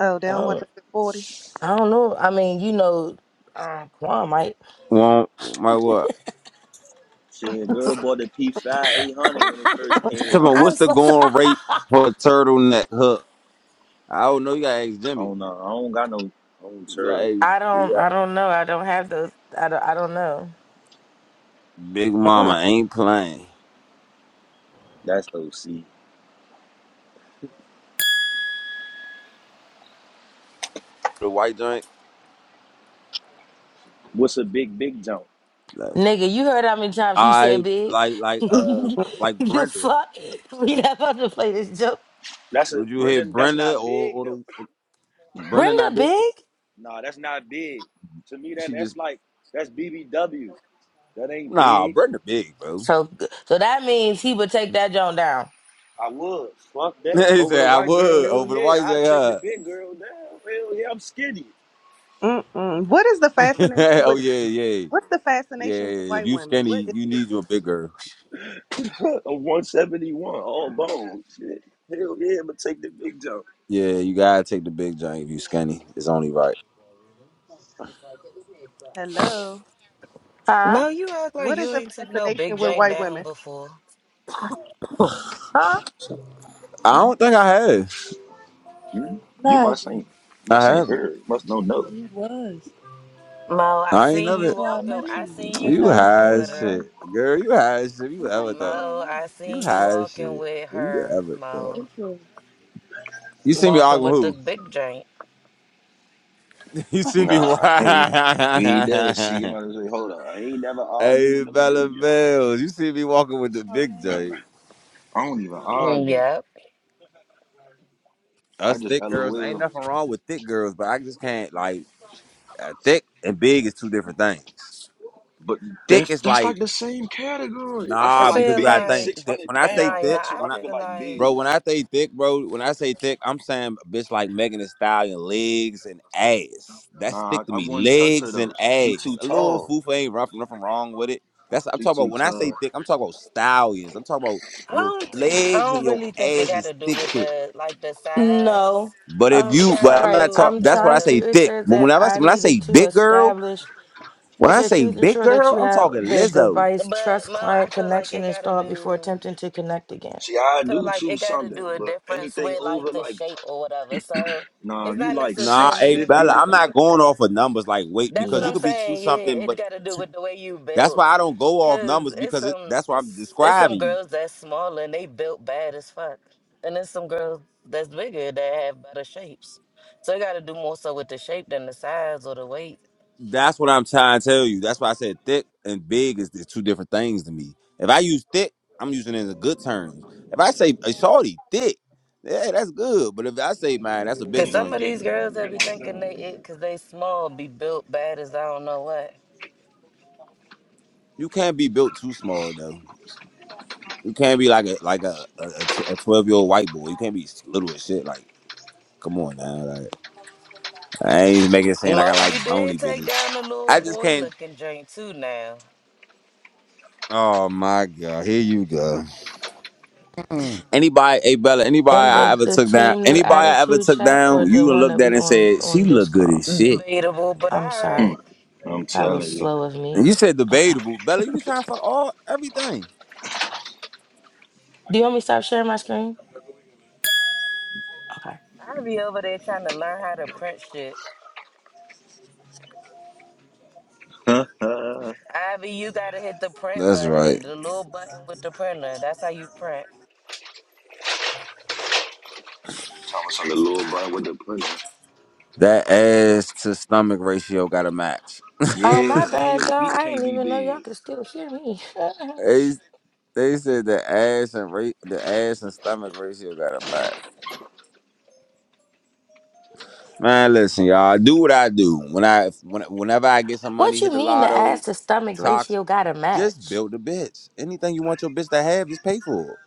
F: Oh, they
D: I
F: don't want
D: don't.
F: the forty.
D: I don't know. I mean, you know, uh, Quan might.
A: Well, my what?
C: See, a girl
D: *laughs*
C: bought the P5 800 when it first
A: *laughs* She
C: came
A: talking
C: out.
A: about
D: I'm
A: what's the
D: so. *laughs*
A: going rate for a turtleneck hook? I don't know. You gotta ask
C: I
A: Jimmy.
C: don't know. I don't got no own
A: You gotta
C: turtle.
D: I
A: ask, you
D: don't. I don't know. I don't have those. I don't. I don't know.
A: got Big
F: Mm,
A: Mama ain't playing.
C: That's OC.
A: The white joint.
C: What's a big, big jump?
A: Like,
D: Nigga, you heard how many times he said
A: I
D: big.
A: like
D: *laughs*
A: like uh like
D: the
A: Brenda.
D: fuck? We not about to play this joke.
C: That's a,
A: Would you hit
C: Brendan, that's
A: Brenda
C: not
A: or
C: big
A: or
C: though.
A: the or- Brenda
D: Brenda
A: not big?
D: big?
C: Nah, that's not big. To me, that
A: She just
C: that's like, that's BBW. That ain't
A: nah.
C: big.
A: Brenda big, bro.
D: So so that means he would take that joint down.
C: I would. Fuck that.
A: *laughs* he
C: Over the
A: said, I
C: white girl,
A: would
C: hell
A: over the
C: yeah.
A: white
C: i
A: J
C: take the
A: huh?
C: big girl down. Hell yeah, I'm skinny.
F: mm, mm. What is the
A: *laughs*
F: fascination
A: oh
F: with?
A: yeah, yeah.
F: What's the
A: Yeah.
F: fascination with
A: yeah. If
F: white
A: you
F: women?
A: skinny,
F: What is
A: you
F: it?
A: need your big girl.
C: *laughs* A 171, all bones. Shit. Hell yeah, but take the big jump.
A: Yeah, you gotta take the big joint if you skinny. It's only right.
F: Hello.
D: Huh?
G: Mo, you act like
F: What is
G: you
F: the
G: ain't took no big
F: fascination with
G: drink
F: white
G: down
F: women?
G: before.
D: *laughs* Huh?
A: I don't think I have.
C: Mm-hmm. You must ain't
A: I
C: must ain't
A: haven't.
C: heard. Must don't know
G: Mo, I
A: I ain't
G: seen
A: never
G: you walking.
F: I
G: I
F: mean,
G: seen
A: you
G: you walking
A: high
G: with
A: as
G: her.
A: shit. Girl, you high as shit. You ever thought.
G: Mo, I
A: You
G: seen you
A: high as
G: walking
A: shit.
G: with
A: You
G: her.
A: ever thought.
G: Mo,
A: You see me
G: walking
A: arguing
G: with the
A: who?
G: big drink.
A: *laughs* You
C: no.
A: see me wa-
C: Nah, *laughs* hey, you ain't never see you
A: *laughs*
C: might as well say, hold up. I ain't never argue with
A: Hey
C: no
A: Bella
C: big jump.
A: Bells. You see me walking with the big joint.
C: I don't even
G: Mm,
C: argue.
G: Yep.
C: I
A: us
C: just
A: thick girls ain't
C: LOL.
A: nothing wrong with thick girls, but I just can't like uh, thick and big is two different things.
C: But
A: Thick
C: that,
A: is
C: that's
A: like
C: like the same category. I
G: I
C: feel
A: nah,
C: like
A: because
G: feel
A: you gotta
C: big,
A: think.
G: like,
A: Thick,
C: 600
A: when I say
G: nah,
C: pounds.
A: thick,
G: yeah.
C: That's what
G: I
C: I
A: when I
C: feel
G: feel
C: like big.
G: like
A: bro, when I say thick, bro, when I say thick, I'm saying a bitch like Megan Thee Stallion, legs and ass. That's
C: Nah,
A: thick to
C: I
A: me,
C: wouldn't touch her
A: legs and
C: though. She too
A: ass. A little
C: tall.
A: foofa ain't rough, nothing wrong with it. That's I'm
C: She
A: talking about.
C: too
A: When I say
C: tall.
A: thick, I'm talking about stallions. I'm talking about
G: I
A: your
G: don't think I
A: legs
G: don't
A: and your
G: really think it
A: ass
G: got to
A: is
G: do
A: thick,
G: with
A: thick.
G: the like the
D: No.
G: size.
A: But if
D: Um.
G: It
A: you,
G: got to
A: but I'm
D: sorry.
A: not
G: do
A: talk.
G: with
D: I'm
A: That's what I
D: trying to.
A: say
G: the.
D: It
A: thick.
D: says
A: But when
D: that
A: I
D: I
A: when I
D: needed
A: say
D: to
A: big girl,
D: establish.
A: when
D: It
A: I
D: says
A: say
D: please
A: big
D: ensure that
A: girl,
D: you
A: I'm
D: have
A: talking
D: the
A: Lizzo.
D: device
G: But
D: trust
G: Mo, I
D: client
G: feel like
D: connection
G: it got to
D: installed before
G: do.
D: attempting to connect again.
C: See,
G: I
C: I
G: feel
C: do
G: like it
C: choose
G: got to
C: something,
G: do a
C: but
G: difference
C: anything
G: with
C: over
G: like the
C: like
G: shape or whatever. So
C: Nah,
G: it's
C: you
G: not
C: like
A: Nah, hey
G: necessarily.
A: Bella,
C: 650?
A: I'm not going off of numbers like weight
G: That's what
A: because you
G: I'm
A: could be
D: Yes.
A: two
G: saying. Yeah,
A: something.
G: it
A: But
G: got to do with the way you
A: that's
G: built.
A: why I don't go off
G: Cause
A: numbers
G: it's
A: because it,
G: some
A: that's why I'm
G: it's it's some
A: describing you.
G: girls that's smaller and they built bad as fuck, and there's some girls that's bigger that have better shapes. So it got to do more so with the shape than the size or the weight.
A: That's what I'm trying to tell you. That's why I said thick and big is the two different things to me. If I use thick, I'm using it in a good terms. If I say a shorty thick, yeah, that's good. But if I say man, that's a
G: Cause
A: big
G: some
A: joint.
G: of these girls that be thinking they it cause they small be built bad as I don't know what.
A: You can't be built too small though. You can't be like a like a a, a twelve year old white boy. You can't be little as shit. Like, come on now. Like, I ain't making it seem like I
G: Mo, you
A: like
G: did
A: bony
G: take
A: bitches.
G: down the little
A: I just
G: boy
A: can't.
G: looking joint too now.
A: Oh my god, here you go. Anybody, hey Bella, anybody
D: And
A: I
D: the
A: ever
D: the
A: took down,
D: team new
A: anybody I ever
D: attitude
A: took
D: chat or
A: down,
D: the
A: you done
D: one
A: looked
D: that
A: at
D: we
A: and
D: on
A: said she
D: on this
A: look good
D: call.
A: as shit.
G: Debatable, but
D: I'm
G: all
C: Hmm,
G: right.
D: sorry.
C: I'm
D: That was
C: telling you.
D: slow of me.
A: And you said
D: Okay.
A: debatable, Bella. You was trying to fuck all everything.
D: Do you want me to stop sharing my screen? Okay.
G: I'll be over there trying to learn how to print shit.
C: *laughs* Thomas
G: Ivy, you gotta hit the print
A: That's right.
G: button, the little button with the printer. That's how you print.
C: on the little butt with the pussy.
A: That ass to stomach ratio got to match.
D: Oh, my
A: *laughs*
C: Yeah, and your
D: bad, y'all.
C: feet
D: I
C: can't
D: didn't
C: be
D: even know y'all
C: big.
D: could still hear me. *laughs*
A: Hey. They said the ass and ra- the ass and stomach ratio got a match. Man, listen, y'all. I do what I do. When I when, whenever I get some money,
D: what you
A: hit the
D: mean the
A: lotto,
D: ass to stomach
A: talks,
D: ratio got to
A: just
D: match?
A: build a bitch. Anything you want your bitch to have, just pay for it.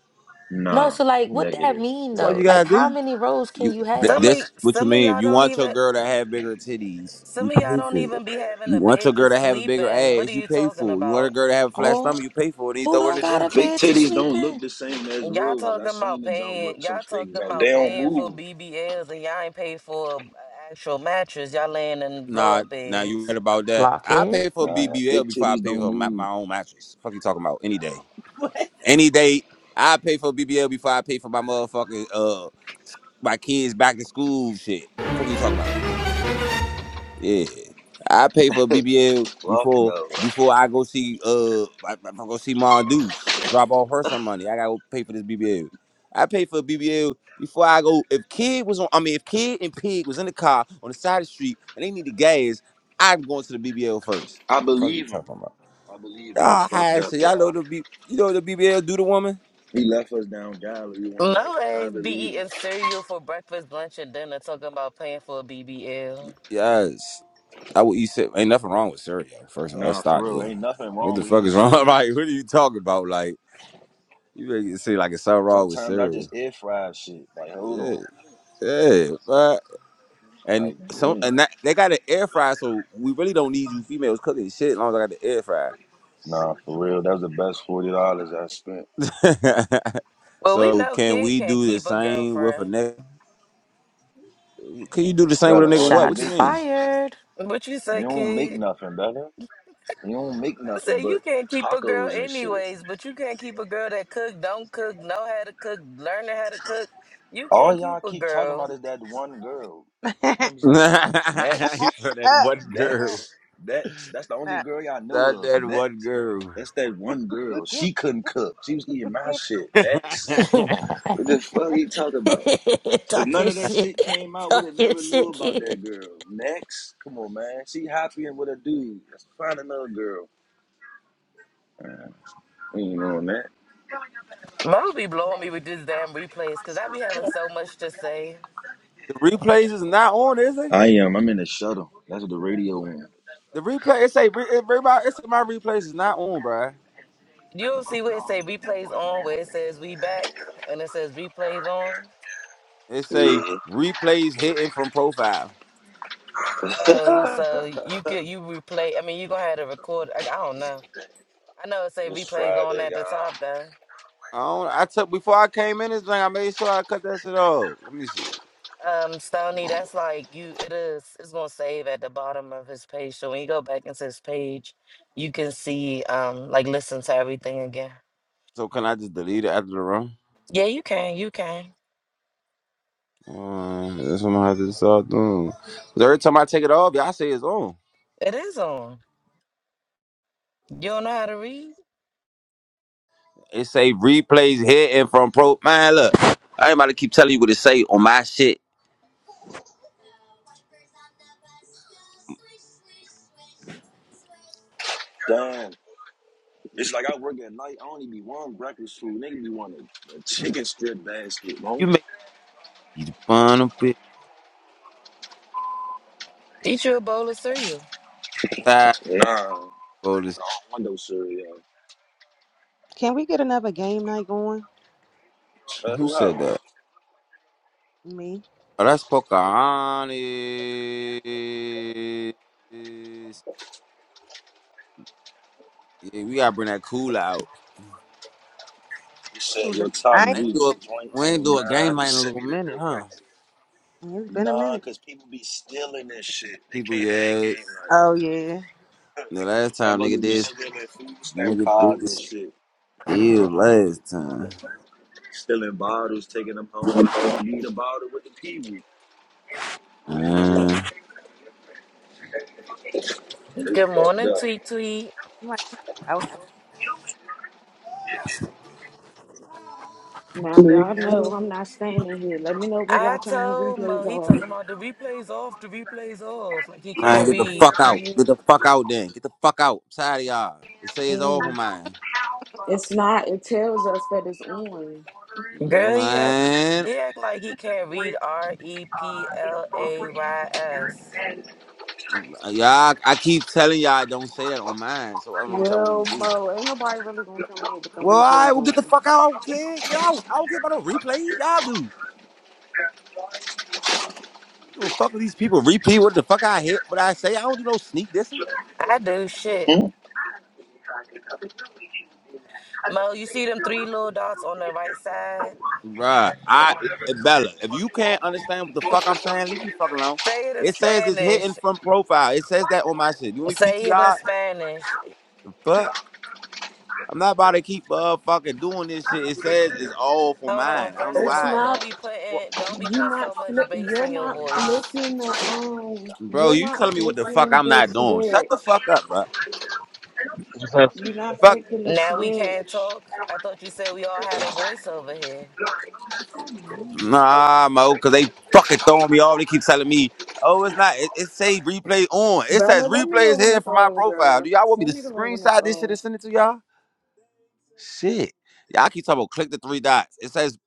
D: No,
C: Nah,
D: so like, what that
C: negative.
D: mean
A: That's all
D: though?
A: you
D: Like,
A: gotta
D: how
A: do.
D: many rows can
A: You
D: you
A: th-
D: have?
G: Some of
A: this what you
G: some of
A: mean? If
G: y'all
A: you
G: don't
A: want your
G: even
A: girl to have bigger titties, you
G: some of y'all
A: pay
G: don't
A: for it.
G: even be having
A: You
G: a
A: want your
G: bed to
A: girl to have a
G: sleep
A: bigger
G: in. What are
A: ass, you
G: you
A: pay
G: talking
A: for it. You want a
G: about?
A: girl to have a flat
D: Oh,
A: stomach, you pay for it, and you
D: who
A: throw her in
D: don't
A: the
D: got a
A: gym.
C: Fake
D: bed to
C: titties
D: sleep
C: don't look
D: in?
C: the same as
G: Y'all
C: real ones. I
G: talking about
C: seen the jump with
G: paying
C: some
G: y'all talking
C: fake jumps. They
G: about
C: don't
G: paying for
C: move.
G: BBLs and y'all ain't paid for an actual mattress. Y'all laying in blow
A: Nah,
G: up
A: nah, you right
G: beds.
A: about that.
D: Lock
A: I
D: it.
A: pay for
C: Nah, fake
A: BBL before I
C: titties
A: pay
C: don't
A: for my,
C: move.
A: my own mattress. Fuck you talking about any day, any day. I pay for BBL before I pay for my motherfucking uh my kids back to school shit. Fuck you talking about. Yeah, I pay for a BBL
C: Fuck
A: before
C: no.
A: before I go see uh I, I go see Mom Deuce drop off her some money. I gotta go pay for this BBL. I pay for a BBL before I go. If Kid was on, I mean, if Kid and Pig was in the car on the side of the street and they need the gas, I'm going to the BBL first.
C: I
A: Fuck you
C: believe him.
A: talking about?
C: I believe him. He
A: Ah, all
C: fucked
A: high so
C: up,
A: y'all know
C: y'all.
A: the B, you know what the BBL do to woman.
C: He left us down Galilee one night.
G: No ass
C: I
G: be
C: believe him.
G: eating cereal for breakfast, lunch, and dinner talking about paying for a
A: Y-
G: BBL.
A: Yes, I would. You said ain't nothing wrong with cereal. First of all, let's
C: Nah, for
A: start
C: real.
A: there.
C: Ain't nothing
A: What
C: wrong
A: the
C: with
A: fuck
C: eating
A: is wrong? *laughs*
C: cereal.
A: like, what are you talking about? Like. You make it seem like it's something wrong with
C: Sometimes I just
A: cereal.
C: air fry shit. Like, hold on.
A: Yeah, yeah, but and
C: Like,
A: some
C: damn.
A: and that they got an air fryer, so we really don't need you females cooking shit as long as I got the air fryer.
C: Nah, for real. That was the best forty dollars I spent.
A: *laughs*
G: Well, we
A: so
G: know
A: can
G: Kid
A: we
G: can't
A: do the
G: keep a
A: same with a
G: girlfriend.
A: nigga? Can you do the same with
C: Bella,
A: a nigga?
C: all
A: What?
C: you
A: What
D: Shots
A: you
C: make
A: mean?
C: is
D: fired.
G: What you
C: you
G: say,
C: don't make
G: Kid?
C: nothing, Bella. You don't make
G: I said
C: nothing
G: you
C: but
G: can't keep a girl
C: tacos and shit.
G: anyways, but you can't keep a girl that cook, don't cook, know how to cook, learning how to cook. You
C: All
G: can't
C: y'all
G: keep a
C: keep talking
G: girl.
C: about is that one girl.
F: *laughs*
C: You know what I'm
A: *laughs* so
C: saying? Next,
A: that one girl,
C: next, next. That's the only
F: nah.
C: girl y'all
A: that
C: know of.
A: that one
C: Next.
A: girl.
C: That's that one girl. She couldn't cook. She was eating my shit.
A: *laughs*
C: Next.
D: *laughs* Talk
A: the
C: What the fuck you talking about? If none
D: your
C: of that shit
D: shit.
C: came
D: *laughs*
C: out, we'd
D: Talk
C: have
D: your
C: never knew
D: shit,
C: about
D: kid.
C: that girl. Next, come on, man. She happy and with a dude. Let's find another girl. You know on that.
G: Mama be blowing me with this damn replays because I be having so much to say.
A: replays is not on, is it?
C: I am. I'm in the shuttle. That's what the radio in.
A: The replay it say re- it, re- my- it say my replays is not on, bruh.
G: You'll see where it say replays on, where it says we back, and it says replays on.
A: It say
C: Yeah,
A: replays hitting from profile.
G: Oh, so you could you replay. I mean, you gonna have to record. I, I don't know. I know it say
C: it's
G: replays on
C: Friday,
G: at the top
C: y'all.
G: though.
A: I don't. I took before I came in this thing. I made sure I cut that shit off. Let me see.
G: Um, Stony, that's like you it is it's gonna save at the bottom of his page. So when you go back into his page, you can see um like listen to everything again.
A: So can I just delete it after the run?
G: Yeah, you can, you can.
A: Uh, that's what I'm gonna have to start doing. 'Cause every time I take it off, y'all say it's on.
G: It is on. You don't know how to read?
A: It say replays here and from pro. Man, look, I ain't about to keep telling you what it say on my shit.
C: Damn. It's like I work at night. I only be one breakfast food. Nigga be wanting a a chicken strip basket, bro.
A: You make me the fun bit
G: Eat you a bowl of cereal.
A: tired
C: Nah,
A: for this.
C: window cereal.
F: can we get another game night going?
C: Uh,
A: Who
C: who
A: said
C: else?
A: that?
F: Me,
A: Oh, that's Pocahontas. Yeah, we gotta bring that cool out.
C: You said
F: who the-
C: your top
F: I.
A: We
F: ain't-
C: G
A: ain't do a,
C: joints
A: we ain't
C: and
A: do a game
C: nine.
A: night in a
C: Send
A: little
C: me the
A: minute,
C: direct.
A: huh?
F: It's been a
C: Nah,
F: minute.
C: cause people be stealing this shit. They
A: People,
C: can't hang
A: yeah.
C: game like
F: Oh yeah.
A: The last time nigga
C: motherfuckers be
A: did,
C: stealing food stamp
A: nigga did
C: cards and shit,
A: still last time.
C: stealing bottles, taking them home. I thought you need a bottle with the kiwi.
A: Uh,
C: They
G: Good
C: fucked
G: morning,
C: up.
G: Tweet Tweet.
F: I'm like, I might go out some.
H: Now y'all know I'm not standing here. Let me know when
G: I
H: y'all turn the
G: told Mo
H: replays
G: he
H: off.
G: talking about the replays off, the replays off. Like he
A: man,
G: can't
A: get the
G: read.
A: fuck out.
H: Yeah,
A: Get the fuck out then. Get the fuck out. I'm tired of y'all. It
H: I
A: says over
H: am.
A: mine.
H: It's not. It tells us that it's on.
G: Girl, he act
A: Man,
G: he act like he can't read R E P L A Y S.
A: y'all, I keep telling y'all don't say that on mine, so I don't know what y'all want me
H: Well,
A: to do.
H: Mo, ain't nobody really gonna come in here with them
A: Well, I
H: replays
A: will get the
H: on.
A: fuck out. I don't care. Get out. I don't care about no replays. Y'all do. I don't give a fuck if these people repeat what the fuck I hit, what I say. I don't do no sneak dissing.
G: I do shit.
C: Hmm?
G: Mo, you see them three little dots on the right side?
A: Right. I eh, Bella, if you can't understand what the fuck I'm saying, leave me the fuck alone.
G: Say it in
A: It says it's hidden
G: Spanish.
A: from profile. It says that on my shit. You want me
G: Say it in
A: P.T.R.
G: Spanish.
A: Fuck. I'm not about to keep uh fucking doing this shit. It says it's all for
G: Hold on.
A: mine. I don't know
G: First of
H: It's
A: why.
G: all,
A: It's-
G: don't
H: not.
G: be putting don't be
H: You're
G: putting
H: not
G: so much
H: flick.
G: bass
H: You're
G: in your
H: not
I: Yo, yo.
G: voice.
H: flicking the um.
A: Bro,
H: You're
A: you
H: not
A: telling me what the fuck
H: flicking
A: I'm
H: the
A: not doing? Shut the
H: switch.
A: fuck up, bro.
H: You're not
A: Fuck.
H: flicking the
G: Now we can't
H: switch.
G: talk. I thought you said we all had a voice over here.
A: Nah, mo, cause they fucking throwing me off. They keep telling me, oh, it's not. It, it say replay on. It says
H: Bella, let me
A: replay
H: know
A: is
H: when
A: hidden
H: it's
A: from my
H: on,
A: profile.
H: girl.
A: Do y'all want me
H: Send
A: to
H: me the one when it's
A: screenshot this
H: on.
A: shit and send it to y'all? Shit. Y'all keep talking about click the three dots. It says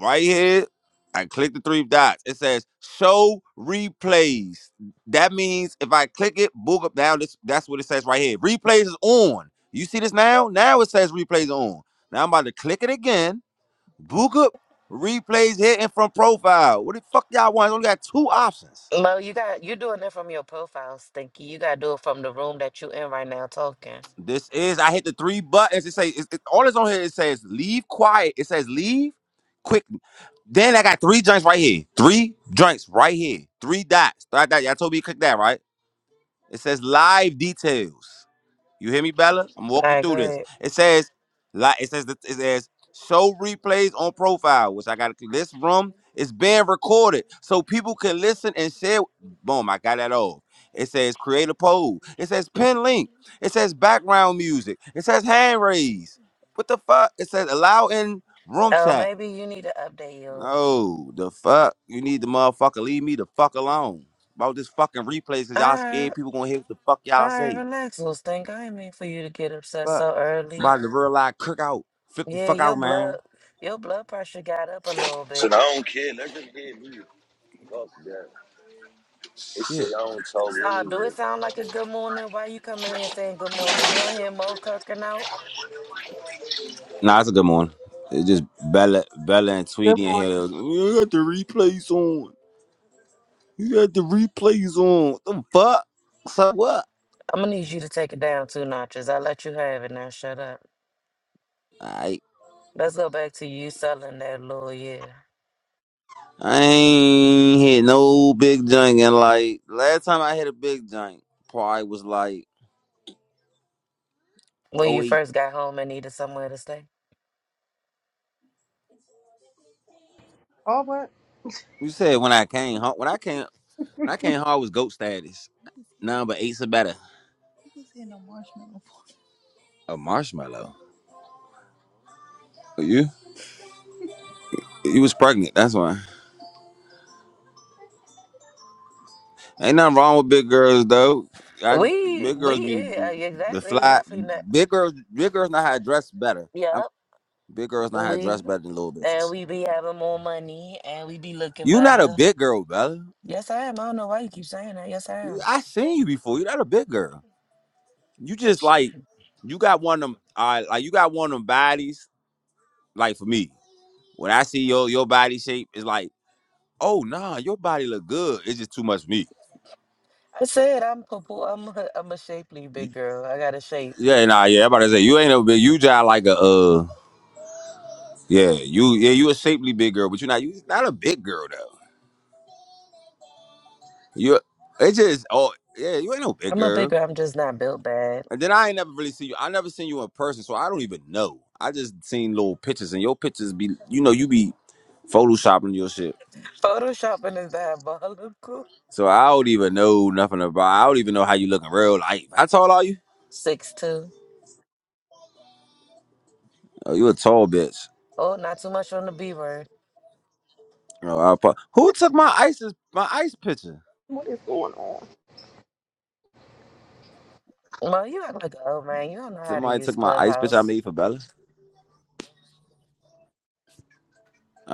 A: right here, I click the three dots. It says show replays. That means if I click it, book up now. This that's what it says right here. Replays is on. You see this now? Now it says replays on. Now I'm about to click it again. Book up replays here and from profile. What the fuck y'all want? I only got two options.
G: Mo, you got you're doing it from your profile, Stinky. You gotta do it from the room that you in right now talking.
A: This is I hit the three buttons. It says it, it- all is on here. It says leave quiet. It says leave. quick. Then I got three joints right here. Three joints right here. Three dots. Dot, dot. Y'all told me to click that, right? It says live details. You hear me, Bella? I'm
G: All
A: walking you
G: right, go
A: through this.
G: ahead.
A: It says like it says it says show replays on profile, which I gotta click. This room is being recorded. So people can listen and share. Boom, I got that all. It says create a poll. It says pin link. It says background music. It says hand raise. What the fuck? It says allow in room
G: Oh,
A: chat.
G: maybe you need to update yours.
A: No, the fuck? You need the motherfucker leave me the fuck alone. About this fucking replay, cause
G: All
A: y'all scared
G: right,
A: people gonna hear what the fuck
G: all
A: y'all
G: right,
A: say.
G: relax, little stink. I didn't mean for you to get upset
A: Fuck.
G: so
A: I'm
G: early.
A: about to realize cook out. Flip the
G: Yeah,
A: fuck out,
G: your blood
A: man.
G: your blood pressure got up a little
C: So I
G: bit.
C: don't care. Let them hit me. Fuck that. They say
A: Shit.
C: I don't talk
G: So do
C: anyway.
G: it sound like a good morning? Why you coming in saying good morning? You don't hear Mo kirking out?
A: Nah, it's a good morning. It's just Bella Bella and
F: Good
A: Tweety in here.
F: morning.
A: They was, You got the replays on. You got the replays on. What the fuck? So what?
G: I'm gonna need you to take it down two notches. I let you have it now. Shut up.
A: Alright.
G: Let's go back to you selling that little yeah.
A: I ain't hit no big junk and like last time I hit a big junk probably was like
G: When you
A: '08.
G: first got home and needed somewhere to stay.
F: Oh what?
A: You said when I came home, when I came, when I came home, I was goat status. None but eight better. a marshmallow. You, you was pregnant. That's why. Ain't nothing wrong with big girls though. I
G: We
A: big girls
G: we
A: be
G: yeah, uh, yeah,
A: the
G: exactly. It's
A: fly.
G: definitely not
A: Big girls, big girls know how to dress better. I'm,
G: Yup.
A: big girls know how to
G: We
A: dress better than little
G: and
A: bitches.
G: we be having more money and we be looking
A: You not a
G: better.
A: big girl, Bella.
G: Yes I am. I don't know why you keep saying that. Yes I am.
A: I seen you before. You not a big girl. You just like you got one of them. Uh, like you got one of them bodies. Like for me, when I see your your body shape, it's like. Oh nah, your body look good. It's just too much meat.
G: I said I'm purple. I'm a, I'm a shapely
A: Y-
G: big girl. I got a shape.
A: Yeah, nah, yeah. I'm about to say you ain't a big. You just like a uh, yeah. You yeah, you a shapely big girl, but you're not. You not a big girl though. You it's just oh yeah, you ain't no big
G: I'm a big
A: girl.
G: girl. I'm just not built bad.
A: And then I ain't never really seen you. I never seen you in person, so I don't even know. I just seen little pictures, and your pictures be you know you be photoshopping your shit.
G: Photoshopping is diabolical.
A: So I don't even know nothing about. I don't even know how you look in real life. How tall are you?
G: Six two.
A: Oh, you a tall bitch.
G: Oh, not too much on the B word.
A: Oh, I, pro- who took my ISIS my ice picture?
F: What is going on?
G: Well, you act like an old man. You don't know how to
A: Somebody
G: use
A: took my ice bitch I
G: Clubhouse.
A: made for Bella.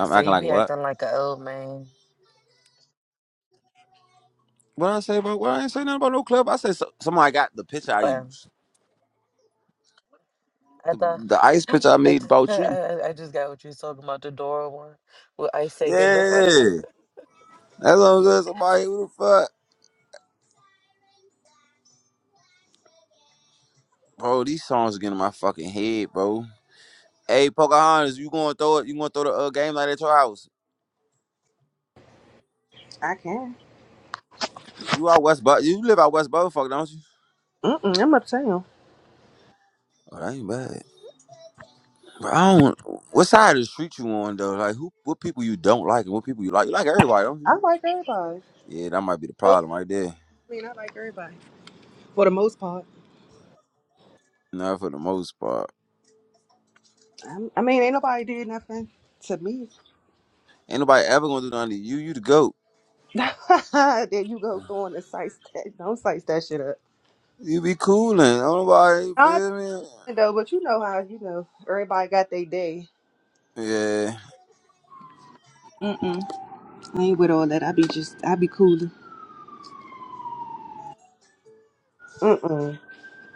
G: I said
A: acting
G: you
A: like
G: be
A: what?
G: acting like an old man.
A: What I say about? What I ain't say nothing about no club. I said so, somebody got the picture I
G: Well,
A: used.
G: I
A: The,
G: thought
A: the ice
G: *laughs*
A: picture I
G: I,
A: made
G: th- *laughs* I
A: about you.
G: I I just got what you was talking about the Dora one with Ice taking Dora.
A: Yeah, that's what I'm saying. Somebody who the fuck, bro. These songs are getting in my fucking head, bro. Hey, Pocahontas, you gonna throw it? You gonna throw the uh, game like at your house?
F: I can.
A: You out West, but you live out West Butterfuck, don't you?
F: Mm-mm, I'm uptown.
A: Oh, that ain't bad. But I don't. What side of the street you on though? Like who? What people you don't like and what people you like? You like everybody, don't you?
F: I like everybody.
A: Yeah, that might be the
F: So,
A: problem right there.
F: I mean, I like everybody. for the most part.
A: Not for the most part.
F: I'm- I mean, ain't nobody did nothing to me.
A: Ain't nobody ever gonna do nothing to you. You the goat.
F: *laughs* there you go throwing the sites that don't sites that shit up.
A: You be coolin'. Ain't nobody
F: I
A: feel me.
F: do though, but you know how you know everybody got their day.
A: Yeah,
F: Mm-mm. I ain't with all that. I be just I be cooler. Mm-mm.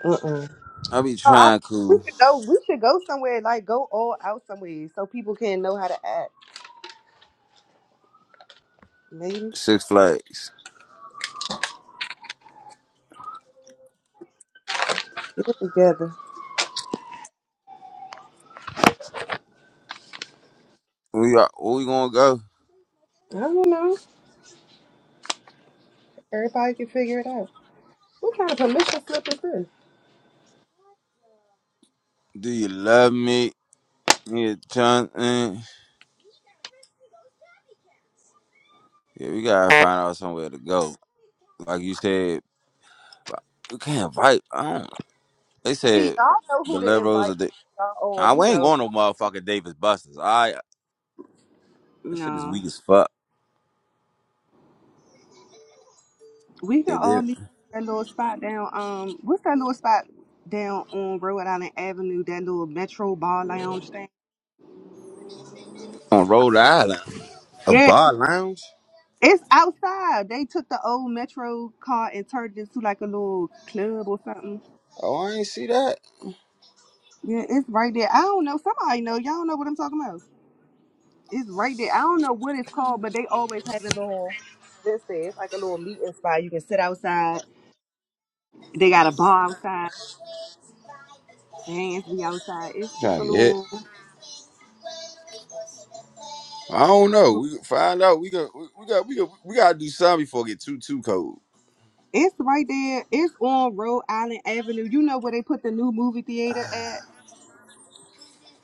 F: Mm-mm.
A: I be
F: No, I,
A: trying
F: we
A: cool.
F: should go. We should go somewhere like go all out somewhere so people can know how to act. Maybe
A: Six Flags.
F: get it together.
A: We are. Where we gonna go?
F: I don't know. Everybody can figure it out. What kind of permission slip is this?
A: Do you love me? Yeah, John. eh. Yeah, we gotta find out somewhere to go. Like you said, we can't invite. I don't. They
F: See,
A: said
F: y'all know
A: the
F: who to
A: liberals
F: invite.
A: are. The,
F: Y'all all
A: I
F: you
A: we ain't
F: know
A: going no motherfucking Davis Busters. I. This shit is
F: No,
A: weak as fuck.
F: we can
A: And
F: all
A: then
F: meet at that little spot down. Um, what's that little spot down on Rhode Island Avenue? That little Metro Bar Lounge thing.
A: on Rhode Island, a
F: Yeah,
A: bar lounge.
F: it's outside. They took the old Metro car and turned it into like a little club or something.
A: Oh, I ain't see that.
F: Yeah, it's right there. I don't know. Somebody know. Y'all know what I'm talking about. It's right there. I don't know what it's called, but they always have a little. This is it's like a little meeting spot. You can sit outside. They got a bar outside. Bands be outside. It's it's a
A: Trying to get hit.
F: little.
A: I don't know. We can find out. We got we we got we got we gotta do something before it get too too cold.
F: It's right there. It's on Rhode Island Avenue. You know where they put the new movie theater at?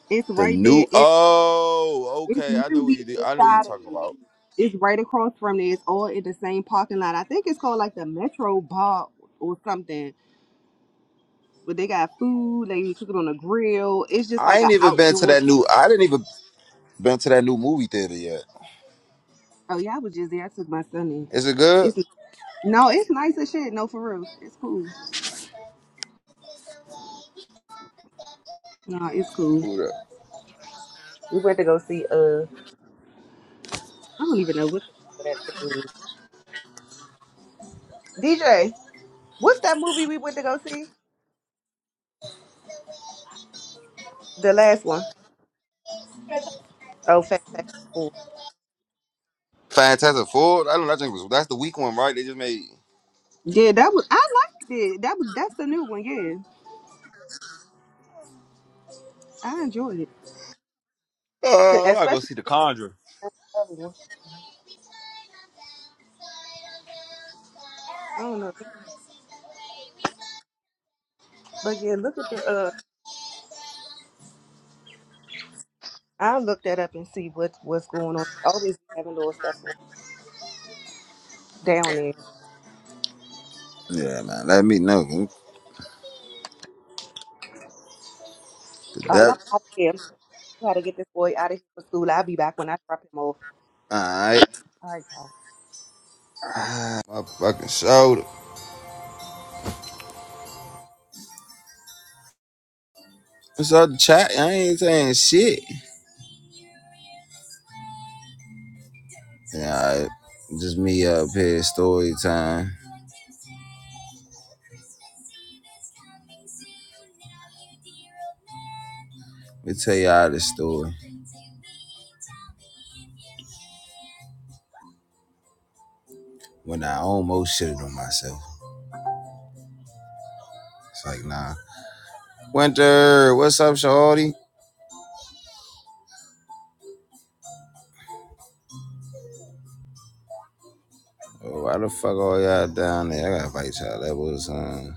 F: It's
A: The
F: right
A: new
F: there. It,
A: oh
F: it's
A: okay. I know what you
F: literally
A: did. I know what you're
F: inside of
A: talking
F: there.
A: about.
F: It's right across from there. It's all in the same parking lot. I think it's called like the Metro Bar or something. But they got food. They can cook it on a grill. It's just
A: I
F: like an
A: ain't even been to
F: outdoor.
A: that
F: ca-
A: new. I didn't even been to that new movie theater yet.
F: Oh yeah, I was just there. I took my son in.
A: Is it good?
F: It's no, it's nice as shit. No, for real, it's cool. No, it's cool.
A: Who the-
F: We went to go see uh, I don't even know what the name of that thing. is. DJ. What's that movie we went to go see? The last one. Oh, Fantastic Four.
A: Fantastic Four. I don't. know. that. think was that's the weak one, right? They just made.
F: Yeah, that was. I liked it. That was. That's the new one. Yeah, I enjoyed it,
A: Oh, I gotta go
F: especially
A: see The Conjurer.
F: the other one. I don't know, but yeah, look at the. uh I'll look that up and see what what's going on. Always having little stuff down there.
A: Yeah, man. Let me know. The
F: All right, I'm
A: devil.
F: out of here. I gotta get this boy out of here for school. I'll be back when I drop him off.
A: Alright. *sighs*
F: All right, guys.
A: Ah, my fucking shoulder. What's up, the chat? I ain't saying shit. Yeah, Alright. Just me up here, story time. Let me tell y'all this story. When I almost shitted on myself. It's like, nah. Winter, what's up, shorty? Oh, why the fuck all y'all down there? I gotta fight y'all. That was, um,